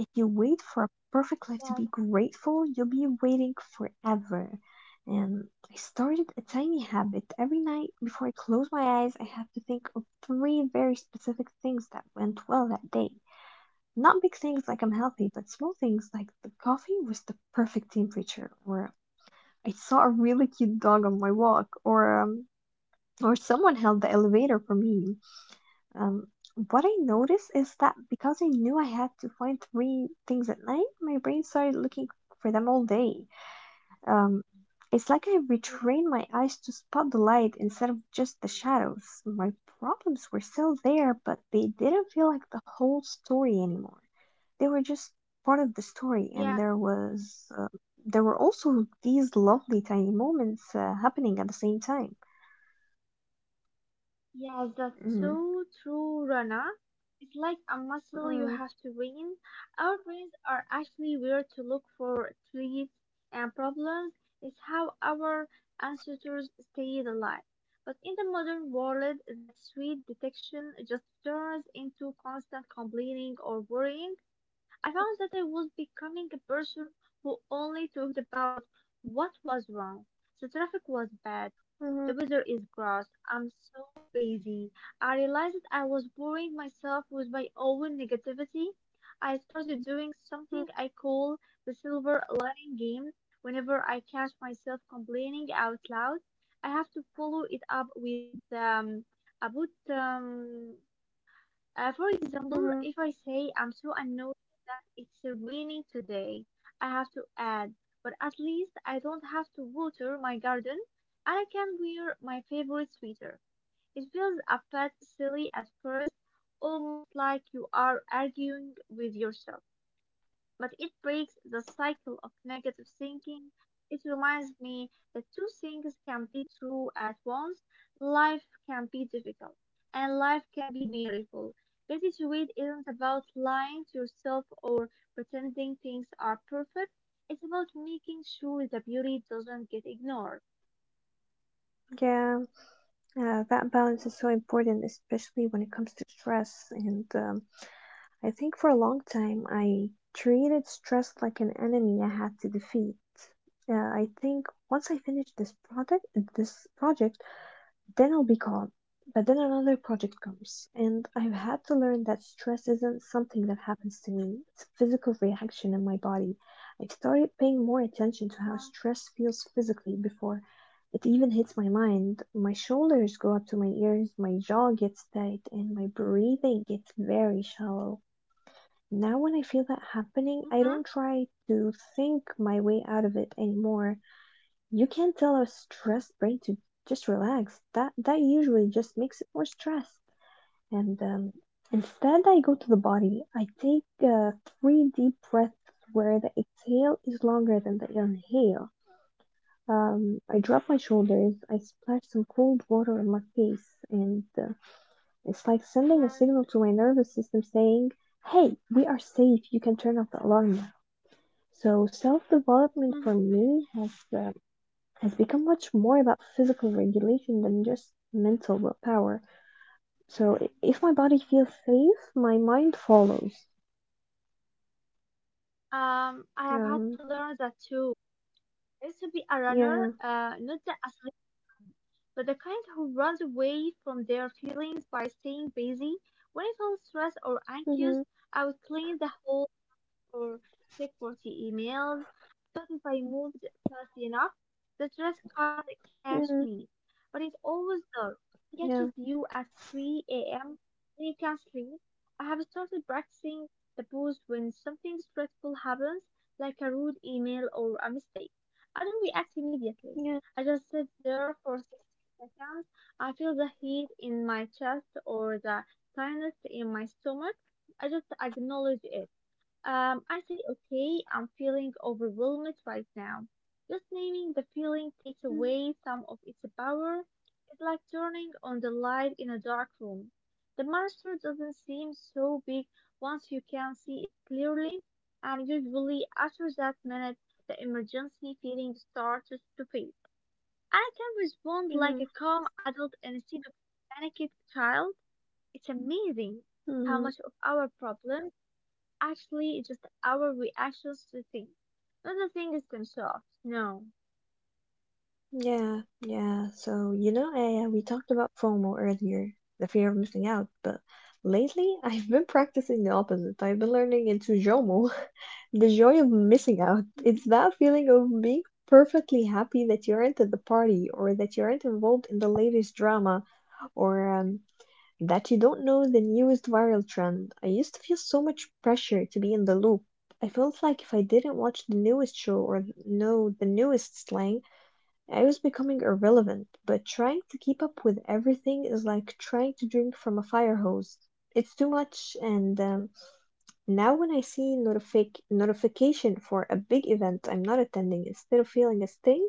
S1: If you wait for a perfect life to be
S2: yeah.
S1: grateful, you'll be waiting forever. And I started a tiny habit. Every night before I close my eyes, I have to think of three very specific things that went well that day. Not big things like I'm healthy, but small things like the coffee was the perfect temperature, or I saw a really cute dog on my walk, or someone held the elevator for me. Um, what I noticed is that because I knew I had to find three things at night, my brain started looking for them all day. Um, it's like I
S2: Mm.
S1: retrained my eyes to spot the light instead of just the shadows. My problems were still there, but they didn't feel like the whole story anymore. They were just part of the story, and
S2: Yeah,
S1: there were also these lovely tiny moments happening at the same time.
S2: yeah, that's
S1: Mm.
S2: so true, Rana. It's like a muscle you
S1: Mm,
S2: have to train. Our brains are actually where to look for treats and problems. It's how our ancestors stayed alive. But in the modern world, that sweet detection just turns into constant complaining or worrying. I found that I was becoming a person who only talked about what was wrong. The traffic was bad.
S1: mhm,
S2: The weather is gross. I'm so busy. I realized that I was boring myself with my own negativity. I started doing something
S1: mhm,
S2: I call the silver lining game. Whenever I catch myself complaining out loud, I have to follow it up with about for example,
S1: mhm.
S2: if I say I'm so annoyed that it's raining today, I have to add, but at least I don't have to water my garden and I can wear my favorite sweater. It feels a bit silly at first, almost like you are arguing with yourself, but it breaks the cycle of negative thinking. It reminds me that two things can be true at once. Life can be difficult and life can be beautiful. Gratitude isn't about lying to yourself or pretending things are perfect. It's about making sure the beauty doesn't get ignored.
S1: Yeah, yeah, that balance is so important, especially when it comes to stress. And I think for a long time, I treated stress like an enemy I had to defeat. I think once I finished this project, this project, then I'll be calm. But then another project comes, and I've had to learn that stress isn't something that happens to me. It's a physical reaction in my body. I've started paying more attention to how
S2: Yeah.
S1: stress feels physically before it even hits my mind. My shoulders go up to my ears, my jaw gets tight, and my breathing gets very shallow. Now, when I feel that happening, I don't
S2: Hmm.
S1: try to think my way out of it anymore. You can't tell a stressed brain to just relax. That usually just makes it more stressed. And Instead, I go to the body. I take three deep breaths where the exhale is longer than the inhale. I drop my shoulders. I splash some cold water on my face, and it's like sending a
S2: Yes.
S1: signal to my nervous system saying, "Hey, we are safe. You can turn off the alarm now." So self development
S2: Mhm.
S1: for me has become much more about physical regulation than just mental willpower. So if my body feels safe, my mind follows.
S2: I have had to
S1: Um,
S2: learn that too. I used to be a runner,
S1: yeah.
S2: not the but the kind who runs away from their feelings by staying busy. When I feel stressed or anxious,
S1: Mhm.
S2: I would clean the whole or check 40 emails, but if I moved fast enough, the stress couldn't catch
S1: Mhm.
S2: me. But it's always there. It catches
S1: Yeah.
S2: you at 3 a.m. when you can't sleep. I have started practicing the pose when something stressful happens, like a rude email or a mistake. I don't react immediately.
S1: Yeah.
S2: I just sit there for 60 seconds. I feel the heat in my chest or the tightness in my stomach. I just acknowledge it. I say, okay, I'm feeling overwhelmed right now. Just naming the feeling takes
S1: Mm,
S2: away some of its power. It's like turning on the light in a dark room. The monster doesn't seem so big once you can see it clearly, and usually after that minute, the emergency feeling starts to fade. I can respond like
S1: mhm.
S2: a calm adult instead of a panicked child. It's amazing how
S1: Mhm.
S2: much of our problems actually, it's just our reactions to things. Not the thing is themselves. No.
S1: Yeah. Yeah. So you know, we talked about FOMO earlier, the fear of missing out, but lately [laughs] I've been practicing the opposite. I've been learning into JOMO. The joy of missing out. It's that feeling of being perfectly happy that you aren't at the party or that you aren't involved in the latest drama or that you don't know the newest viral trend. I used to feel so much pressure to be in the loop. I felt like if I didn't watch the newest show or know the newest slang, I was becoming irrelevant. But trying to keep up with everything is like trying to drink from a fire hose. It's too much, and now when I see notification for a big event I'm not attending, instead of feeling a sting,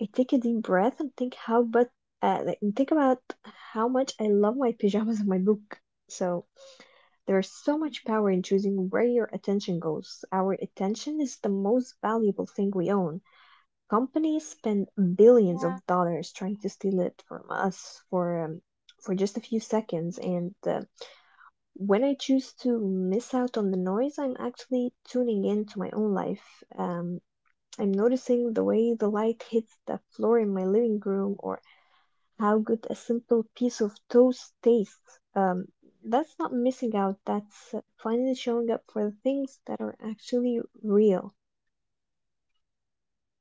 S1: I take a deep breath and think how but like, and think about how much I love my pajamas and my book. So there is so much power in choosing where your attention goes. Our attention is the most valuable thing we own. Companies spend billions
S2: Yeah.
S1: of dollars trying to steal it from us for just a few seconds, and when I choose to miss out on the noise, I'm actually tuning in to my own life. I'm noticing the way the light hits the floor in my living room or how good a simple piece of toast tastes. That's not missing out, that's finally showing up for the things that are actually real.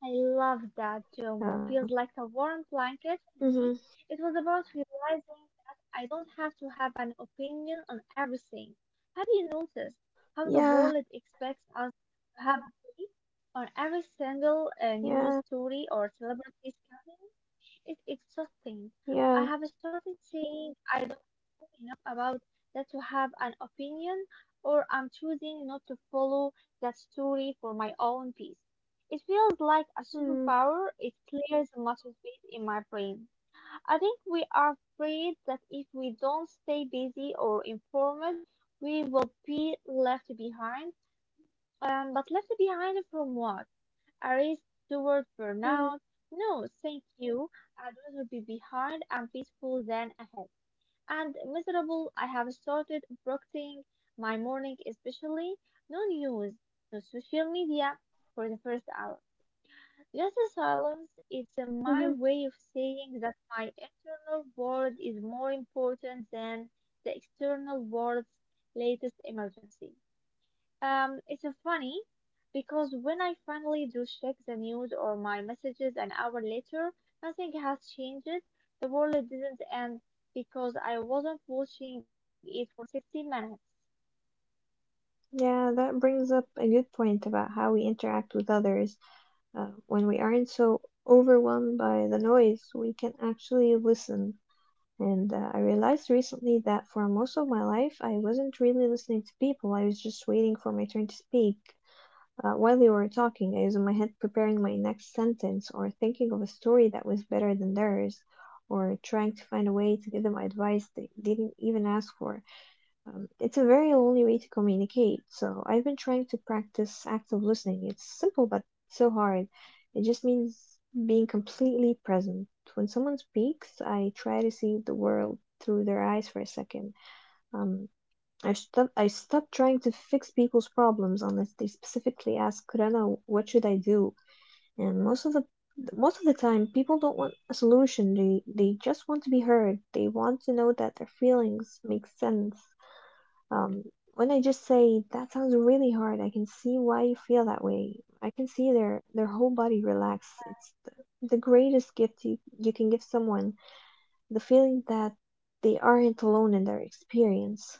S2: I love that,
S1: Uh,
S2: Jomo. Feels like a warm blanket for
S1: hmm.
S2: me. It was about realizing that I don't have to have an opinion on everything. Have you noticed how the
S1: Yeah,
S2: world expects us to have a take on every single
S1: yeah,
S2: news story or celebrity scandal? It's exhausting.
S1: yeah.
S2: I have started saying I don't know enough about that to have an opinion, or I'm choosing not to follow that story for my own peace. It feels like a
S1: Mm,
S2: superpower. It clears much space in my brain. I think we are afraid that if we don't stay busy or informed, we will be left behind. But left behind from what? Array's towards
S1: mm,
S2: burnout. No, thank you. I'd rather be behind and peaceful than ahead and miserable. I have started brooding my morning, especially no news, no social media for the first hour. Just a silence. It's
S1: hmm.
S2: my way of saying that my internal world is more important than the external world's latest emergency. It's a funny because when I finally do check the news or my messages an hour later, nothing has changed. The world didn't end because I wasn't watching it for 60 minutes.
S1: Yeah, that brings up a good point about how we interact with others. When we aren't so overwhelmed by the noise, we can actually listen. And I realized recently that for most of my life, I wasn't really listening to people. I was just waiting for my turn to speak. While they were talking, I was in my head preparing my next sentence, or thinking of a story that was better than theirs, or trying to find a way to give them advice they didn't even ask for. It's a very lonely way to communicate, so I've been trying to practice active listening. It's simple, but so hard. It just means being completely present. When someone speaks, I try to see the world through their eyes for a second. Um, I stop trying to fix people's problems unless they specifically ask, Kurana, what should I do? And most of the time, people don't want a solution. They just want to be heard. They want to know that their feelings make sense. um, when I just say that sounds really hard, I can see why you feel that way. I can see their whole body relax. It's the greatest gift you can give someone, the feeling that they aren't alone in their experience.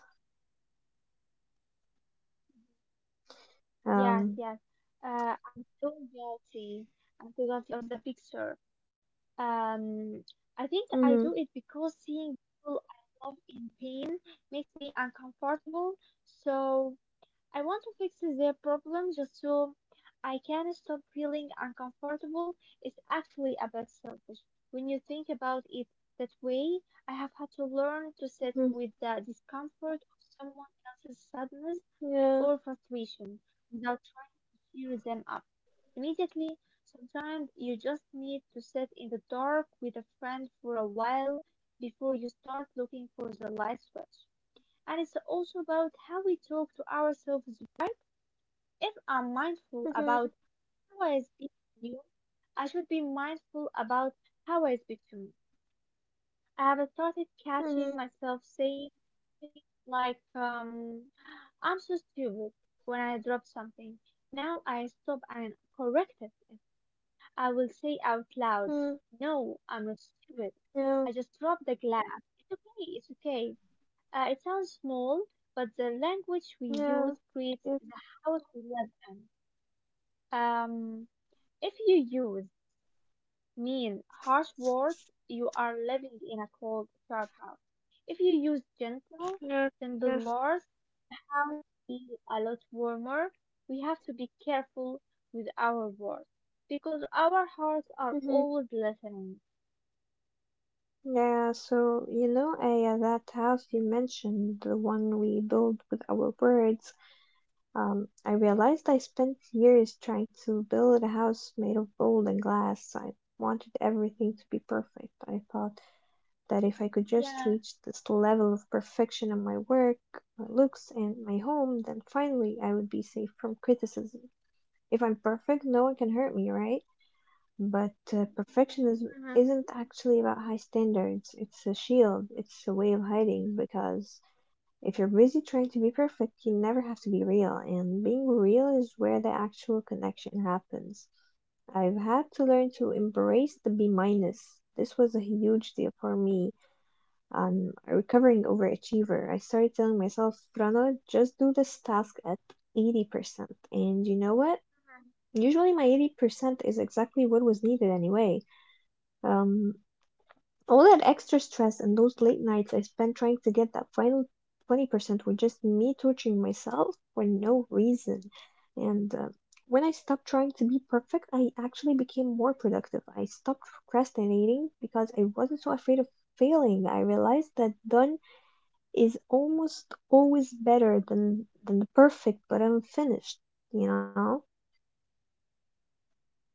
S2: Yes,
S1: Um,
S2: yes. I'm so guilty. I'm so guilty of the fixer. Um, I think
S1: mhm,
S2: I do it because seeing people I love in pain makes me uncomfortable. So I want to fix their problem just so I can stop feeling uncomfortable. It's actually a bit selfish when you think about it that way. I have had to learn to sit
S1: mhm,
S2: with the discomfort of someone else's sadness
S1: yeah,
S2: or frustration without trying to cheer them up immediately. Sometimes you just need to sit in the dark with a friend for a while before you start looking for the light switch. And it's also about how we talk to ourselves, right? If I'm mindful
S1: mhm,
S2: about how I speak to you, I should be mindful about how I speak to between. I have started
S1: mhm,
S2: catching myself saying things like, I'm so stupid when I drop something. Now I stop and correct it. I will say out loud,
S1: mhm,
S2: no, I'm not stupid.
S1: yeah,
S2: I just dropped the glass. It's okay, it's okay. It sounds small, but the language we
S1: yeah,
S2: use creates
S1: yes,
S2: the house we live in. Um, If you use mean, harsh words, you are living in a cold, sharp house. If you use gentle,
S1: yeah,
S2: simple
S1: yes,
S2: words, house feel a lot warmer. We have to be careful with our words because our hearts are
S1: mhm.
S2: always listening.
S1: Yeah, so you know, that house you mentioned, the one we build with our words. I realized I spent years trying to build a house made of gold and glass. I wanted everything to be perfect. I thought that if I could just
S2: Yeah.
S1: reach this level of perfection in my work, my looks, and my home, then finally I would be safe from criticism. If I'm perfect, no one can hurt me, right? But perfectionism
S2: Uh-huh.
S1: isn't actually about high standards. It's a shield, it's a way of hiding because if you're busy trying to be perfect, you never have to be real, and being real is where the actual connection happens. I've had to learn to embrace the B minus. This was a huge deal for me. I'm a recovering overachiever. I started telling myself, "Rana, just do this task at 80%." And you know what? Usually my 80% is exactly what was needed anyway. Um, all that extra stress and those late nights I spent trying to get that final 20% were just me torturing myself for no reason. And when I stopped trying to be perfect, I actually became more productive. I stopped procrastinating because I wasn't so afraid of failing. I realized that done is almost always better than the perfect but unfinished, you know?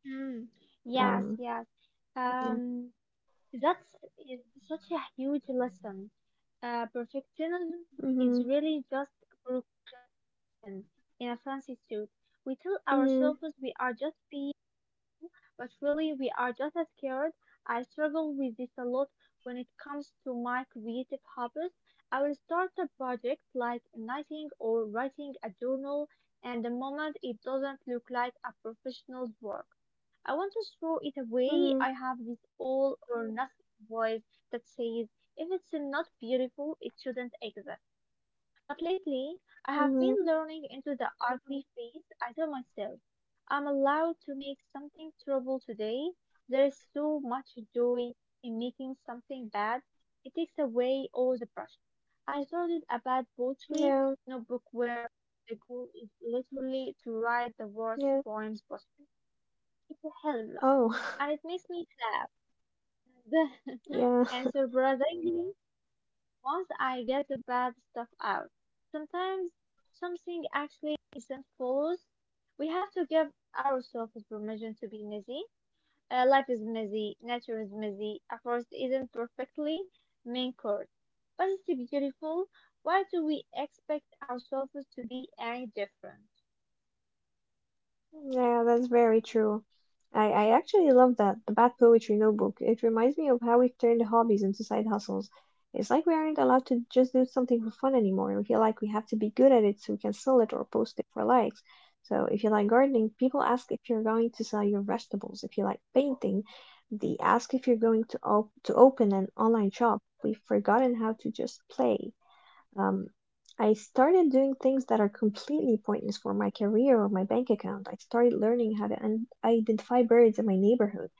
S2: Mm. Yes.
S1: Um,
S2: Yes.
S1: yeah.
S2: Um. That's is such a huge lesson. Perfectionism
S1: Mhm.
S2: is really just procrastination often. In a transitude. We tell
S1: Mhm.
S2: ourselves we are just being, but really we are just as scared. I struggle with this a lot when it comes to my creative hobbies. I will start a project like knitting or writing a journal, and the moment it doesn't look like a professional work, I want to throw it away.
S1: Mhm.
S2: I have this all or nothing voice that says, if it's not beautiful, it shouldn't exist. But lately, I have
S1: Mhm.
S2: been learning into the ugly phase. I tell myself, I'm allowed to make something trouble today. There is so much joy in making something bad. It takes away all the pressure. I started a bad poetry
S1: Yeah.
S2: notebook where the goal is literally to write the worst
S1: Yeah.
S2: poems possible. It's hilarious,
S1: Oh. [laughs]
S2: and it makes me laugh. [laughs]
S1: Yeah.
S2: And surprisingly, once I get the bad stuff out, sometimes something actually isn't follows. We have to give ourselves permission to be messy. Life is messy, nature is messy, a forest isn't perfectly main course, but it's beautiful. Why do we expect ourselves to be any different?
S1: Yeah, that's very true. I actually love that, the Bad Poetry Notebook. It reminds me of how we turned hobbies into side hustles. It's like we aren't allowed to just do something for fun anymore. We feel like we have to be good at it so we can sell it or post it for likes. So if you like gardening, people ask if you're going to sell your vegetables. If you like painting, they ask if you're going to op to open an online shop. We've forgotten how to just play. Um, I started doing things that are completely pointless for my career or my bank account. I started learning how to identify birds in my neighborhood.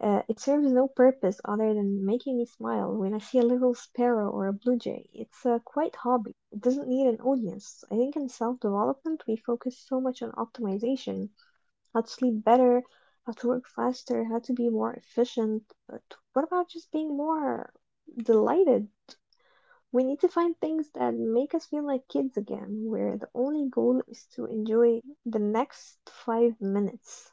S1: It serves no purpose other than making me smile when I see a little sparrow or a blue jay. It's a quiet hobby. It doesn't need an audience. I think in self development, we focus so much on optimization, how to sleep better, how to work faster, how to be more efficient. But what about just being more delighted? We need to find things that make us feel like kids again, where the only goal is to enjoy the next 5 minutes.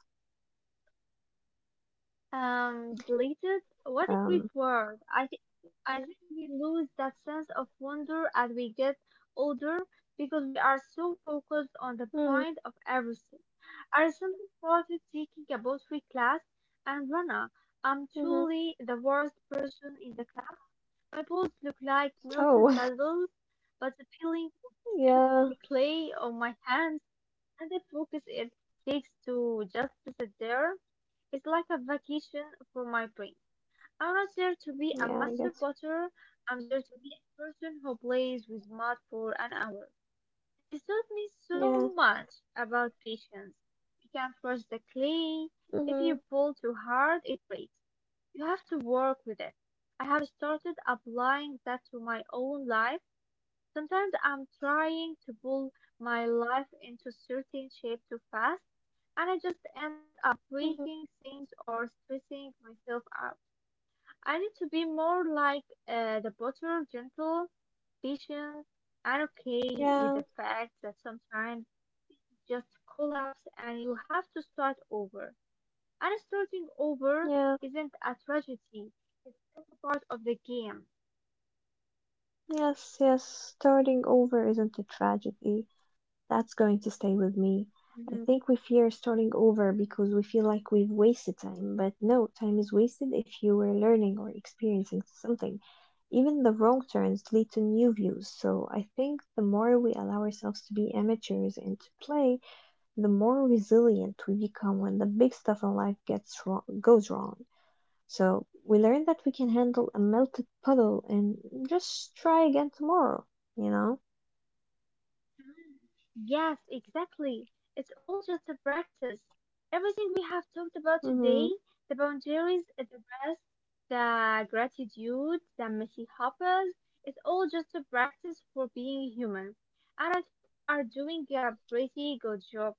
S2: Deleted?
S1: Um,
S2: What a great word. I think we lose that sense of wonder as we get older because we are so focused on the
S1: mm,
S2: point of everything. I recently started taking a poetry class, and Rana, I'm
S1: hmm.
S2: truly the worst person in the class. My balls look like melted
S1: Oh,
S2: puzzles, but the peeling
S1: [laughs]
S2: of
S1: yeah,
S2: the clay on my hands and the focus it takes to just sit there is like a vacation for my brain. I'm not there to be a
S1: yeah, I
S2: master
S1: guess.
S2: potter. I'm there to be a person who plays with mud for an hour. It taught me
S1: Yeah,
S2: so much about patience. You can't force the clay. If you
S1: hmm.
S2: pull too hard, it breaks. You have to work with it. I have started applying that to my own life. Sometimes I'm trying to pull my life into certain shape too fast, and I just end up
S1: Hmm,
S2: breaking things or stressing myself out. I need to be more like the butter, gentle, patient, and okay with
S1: yeah,
S2: the fact that sometimes just collapse and you have to start over. And starting over
S1: yeah,
S2: isn't a tragedy, it's just a part of the game.
S1: yes, yes. Starting over isn't a tragedy. That's going to stay with me. I think we fear starting over because we feel like we've wasted time. But no, time is wasted if you were learning or experiencing something. Even the wrong turns lead to new views. So I think the more we allow ourselves to be amateurs and to play, the more resilient we become when the big stuff in life gets wrong, goes wrong. So we learn that we can handle a melted puddle and just try again tomorrow, you know?
S2: Yes, exactly. It's all just a practice. Everything we have talked about
S1: Hmm.
S2: today, the boundaries, the rest, the gratitude, the messy hoppers, it's all just a practice for being human. And I think we are doing a pretty good job,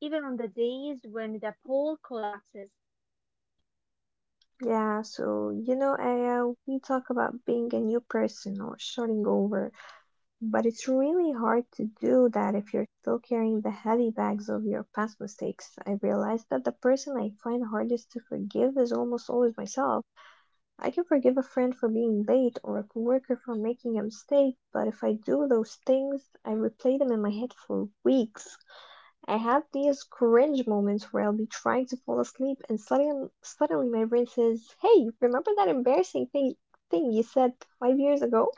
S2: even on the days when the poll collapses.
S1: Yeah, so you know, Aya, we talk about being a new person or starting over, but it's really hard to do that if you're still carrying the heavy bags of your past mistakes. I realized that the person I find hardest to forgive is almost always myself. I can forgive a friend for being late or a coworker for making a mistake, but if I do those things, I replay them in my head for weeks. I have these cringe moments where I'll be trying to fall asleep and suddenly my brain says, "Hey, remember that embarrassing thing you said 5 years ago?"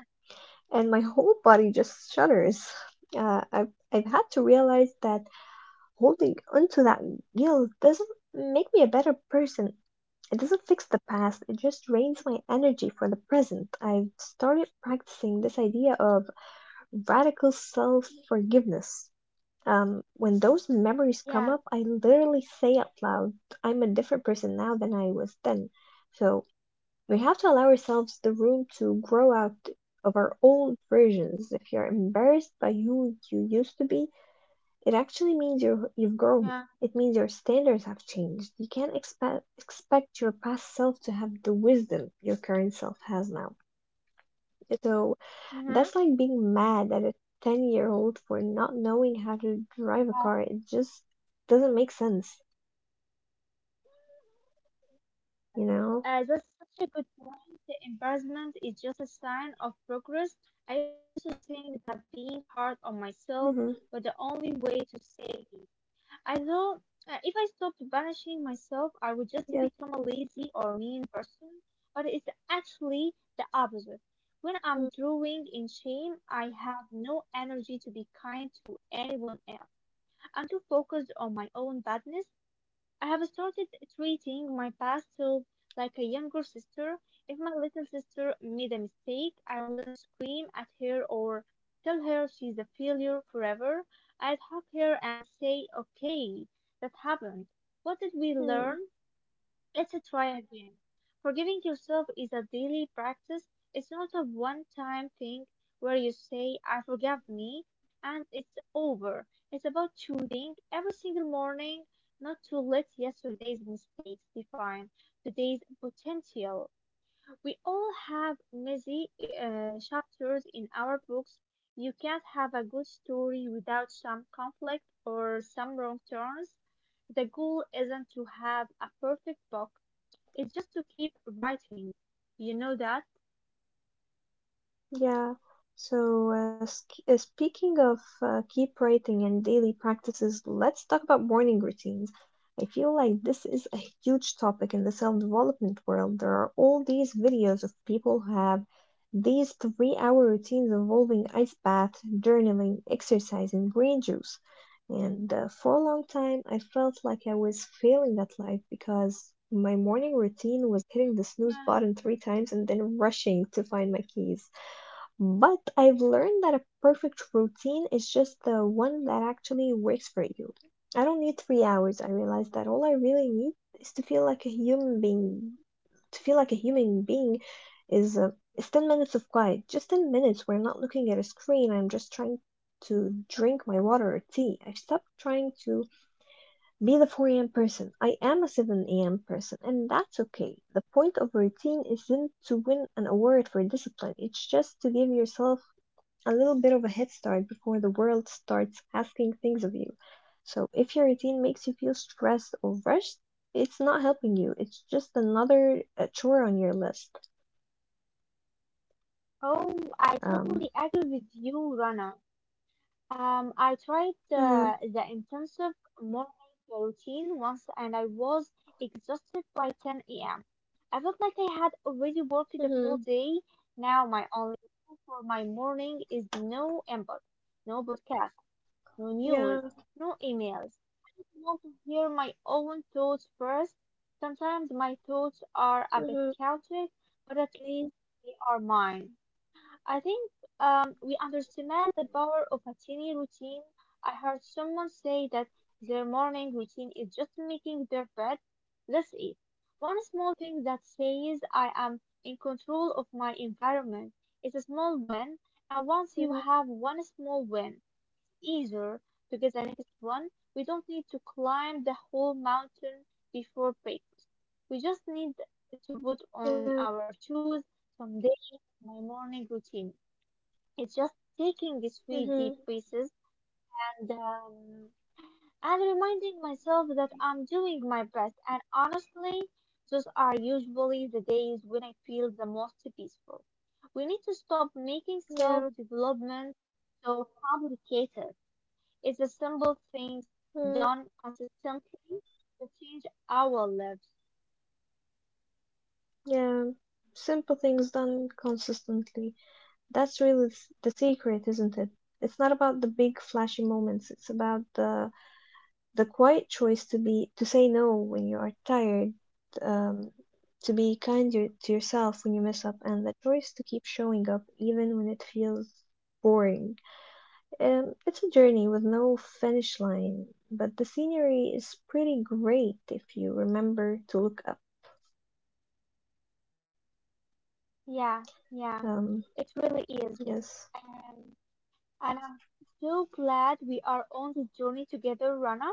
S1: And my whole body just shudders. I've had to realize that holding onto that guilt doesn't make me a better person. It doesn't fix the past. It just drains my energy for the present. I've started practicing this idea of radical self forgiveness. When those memories
S2: Yeah,
S1: come up, I literally say out loud, I'm a different person now than I was then. So we have to allow ourselves the room to grow out of our old versions. If you're embarrassed by who you used to be, it actually means you've grown.
S2: yeah.
S1: It means your standards have changed. You can't expect your past self to have the wisdom your current self has now. So
S2: Mm-hmm.
S1: that's like being mad at a 10-year-old for not knowing how to drive a car. It just doesn't make sense, you know?
S2: That's such a good point. Embarrassment is just a sign of progress. I used to think that being hard
S1: Mm-hmm.
S2: on myself was the only way to save me. I thought, if I stopped
S1: Yes.
S2: banishing myself, I would just become a lazy or mean person. But it's actually the opposite. When I'm drowning in shame, I have no energy to be kind to anyone else. I'm too focused on my own badness. I have started treating my past self like a younger sister. If my little sister made a mistake, I wouldn't scream at her or tell her she's a failure forever. I'd hug her and say, okay, that happened. What did we learn?
S1: Mm.
S2: Let's try again. Forgiving yourself is a daily practice. It's not a one time thing where you say, I forgave me and it's over. It's about choosing every single morning not to let yesterday's mistakes define today's potential. We all have messy chapters in our books. You can't have a good story without some conflict or some wrong turns. The goal isn't to have a perfect book, it's just to keep writing, you know that?
S1: Yeah. So, speaking of keep writing and daily practices, let's talk about morning routines. I feel like this is a huge topic in the self-development world. There are all these videos of people who have these three-hour routines involving ice bath, journaling, exercise, and green juice. And for a long time, I felt like I was failing at life because my morning routine was hitting the snooze
S2: Yeah.
S1: button three times and then rushing to find my keys. But I've learned that a perfect routine is just the one that actually works for you. I don't need 3 hours. I realize that all I really need is to feel like a human being. To feel like a human being is 10 minutes of quiet. Just 10 minutes where I'm not looking at a screen. I'm just trying to drink my water or tea. I've stopped trying to be the 4 a.m. person. I am a 7 a.m. person, and that's okay. The point of routine isn't to win an award for discipline, it's just to give yourself a little bit of a head start before the world starts asking things of you. So if your routine makes you feel stressed or rushed, it's not helping you. It's just another chore on your list.
S2: Oh, I
S1: Um.
S2: totally agree with you, Rana. I tried
S1: Mhm.
S2: the intensive morning routine once and I was exhausted by 10 a.m. I felt like I had already worked the
S1: Mhm.
S2: full day. Now my only goal for my morning is no input, no podcast, no
S1: Yeah.
S2: news, no emails. Want to hear my own thoughts first. Sometimes my thoughts are a bit
S1: Mhm.
S2: chaotic, but at least they are mine. I think we underestimate the power of a tiny routine. I heard someone say that their morning routine is just making their bed. That's it. One small thing that says I am in control of my environment. It's a small win, and once you
S1: Mhm.
S2: have one small win, easier to get the next one. We don't need to climb the whole mountain before breakfast. We just need to put on
S1: Yeah.
S2: our shoes someday in my morning routine. It's just taking these three
S1: Mhm.
S2: deep breaths um, and reminding myself that I'm doing my best. And honestly, those are usually the days when I feel the most peaceful. We need to stop making self
S1: Yeah.
S2: development so complicated. It's It simple things
S1: Mm,
S2: done consistently to change our lives.
S1: yeah. Simple things done consistently. That's really the secret, isn't it? It's not about the big flashy moments. It's about the quiet choice to be to say no when you are tired, um, to be to yourself when you mess up, and the choice to keep showing up even when it feels boring. It's a journey with no finish line, but the scenery is pretty great if you remember to look up.
S2: Yeah, yeah,
S1: um,
S2: it really is.
S1: yes.
S2: And, and I'm so glad we are on this journey together, Rana.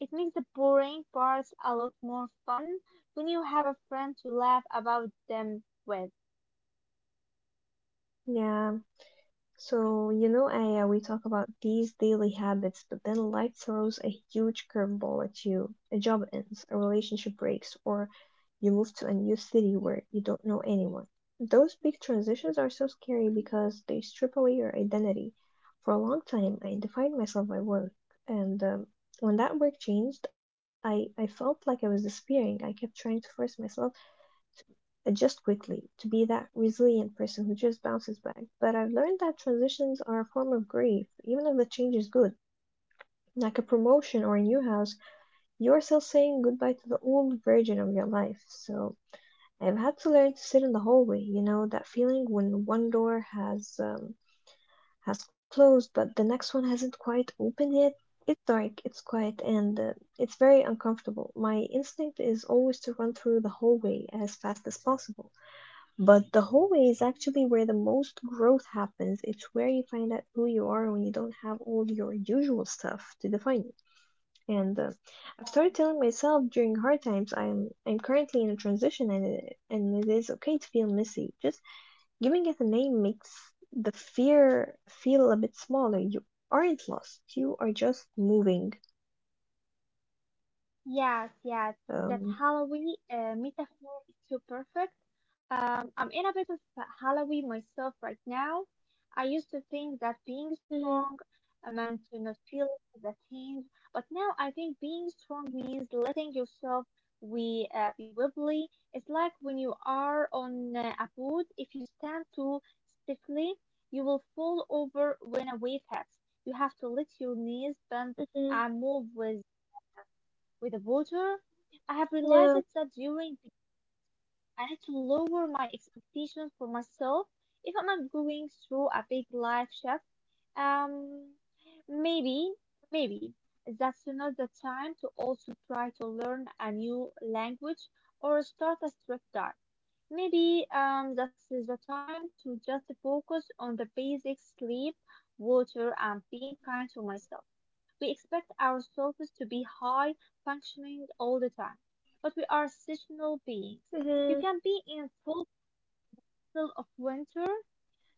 S2: It makes the boring parts a lot more fun when you have a friend to laugh about them with.
S1: Yeah. So, you know, Aya, we talk about these daily habits, but then life throws a huge curveball at you. A job ends, a relationship breaks, or you move to a new city where you don't know anyone. Those big transitions are so scary because they strip away your identity. For a long time, I defined myself by work, and when that work changed, I felt like I was disappearing. I kept trying to force myself adjust quickly to be that resilient person who just bounces back. But I've learned that transitions are a form of grief, even if the change is good. Like a promotion or a new house, you're still saying goodbye to the old version of your life. So I've had to learn to sit in the hallway, you know, that feeling when one door has closed but the next one hasn't quite opened yet. It's dark, it's quiet, and it's very uncomfortable. My instinct is always to run through the hallway as fast as possible. But the hallway is actually where the most growth happens. It's where you find out who you are when you don't have all your usual stuff to define you. And I've started telling myself during hard times I'm currently in a transition, and it is okay to feel messy. Just giving it a name makes the fear feel a bit smaller. You aren't lost. You are just moving.
S2: Yes, yes, that
S1: Um.
S2: Halloween metaphor is so perfect. I'm in a bit of a Halloween myself right now. I used to think that being
S1: Mhm.
S2: strong, meant to not feel the change, but now I think being strong means letting yourself we be wobbly. It's like when you are on a boat. If you stand too stiffly, you will fall over when a wave hits. You have to let your knees bend
S1: Mhm.
S2: and move with the water. I have
S1: Yeah.
S2: realized that during the I had to lower my expectations for myself if I'm not going through a big life shift. Um, maybe, maybe that's not the time to also try to learn a new language or start a strict diet. Maybe that's the time to just focus on the basic sleep, water, and being kind to myself. We expect ourselves to be high functioning all the time, but we are seasonal beings.
S1: Hmm.
S2: You can be in full still of winter.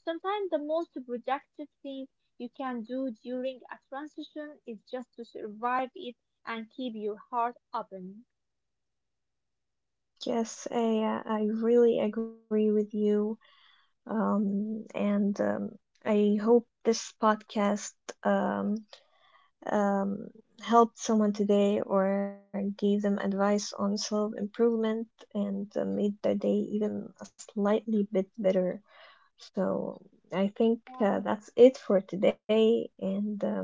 S2: Sometimes the most productive thing you can do during a transition is just to survive it and keep your heart open.
S1: Yes, I really agree with you. And I hope this podcast um, um, helped someone today or gave them advice on self improvement and made their day even a slightly bit better. So I think
S2: Yeah,
S1: that's it for today. And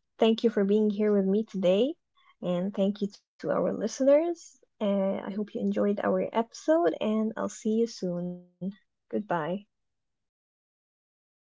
S1: thank you for being here with me today. And thank you to our listeners. I hope you enjoyed our episode, and I'll see you soon. Goodbye.
S2: yeah. Thank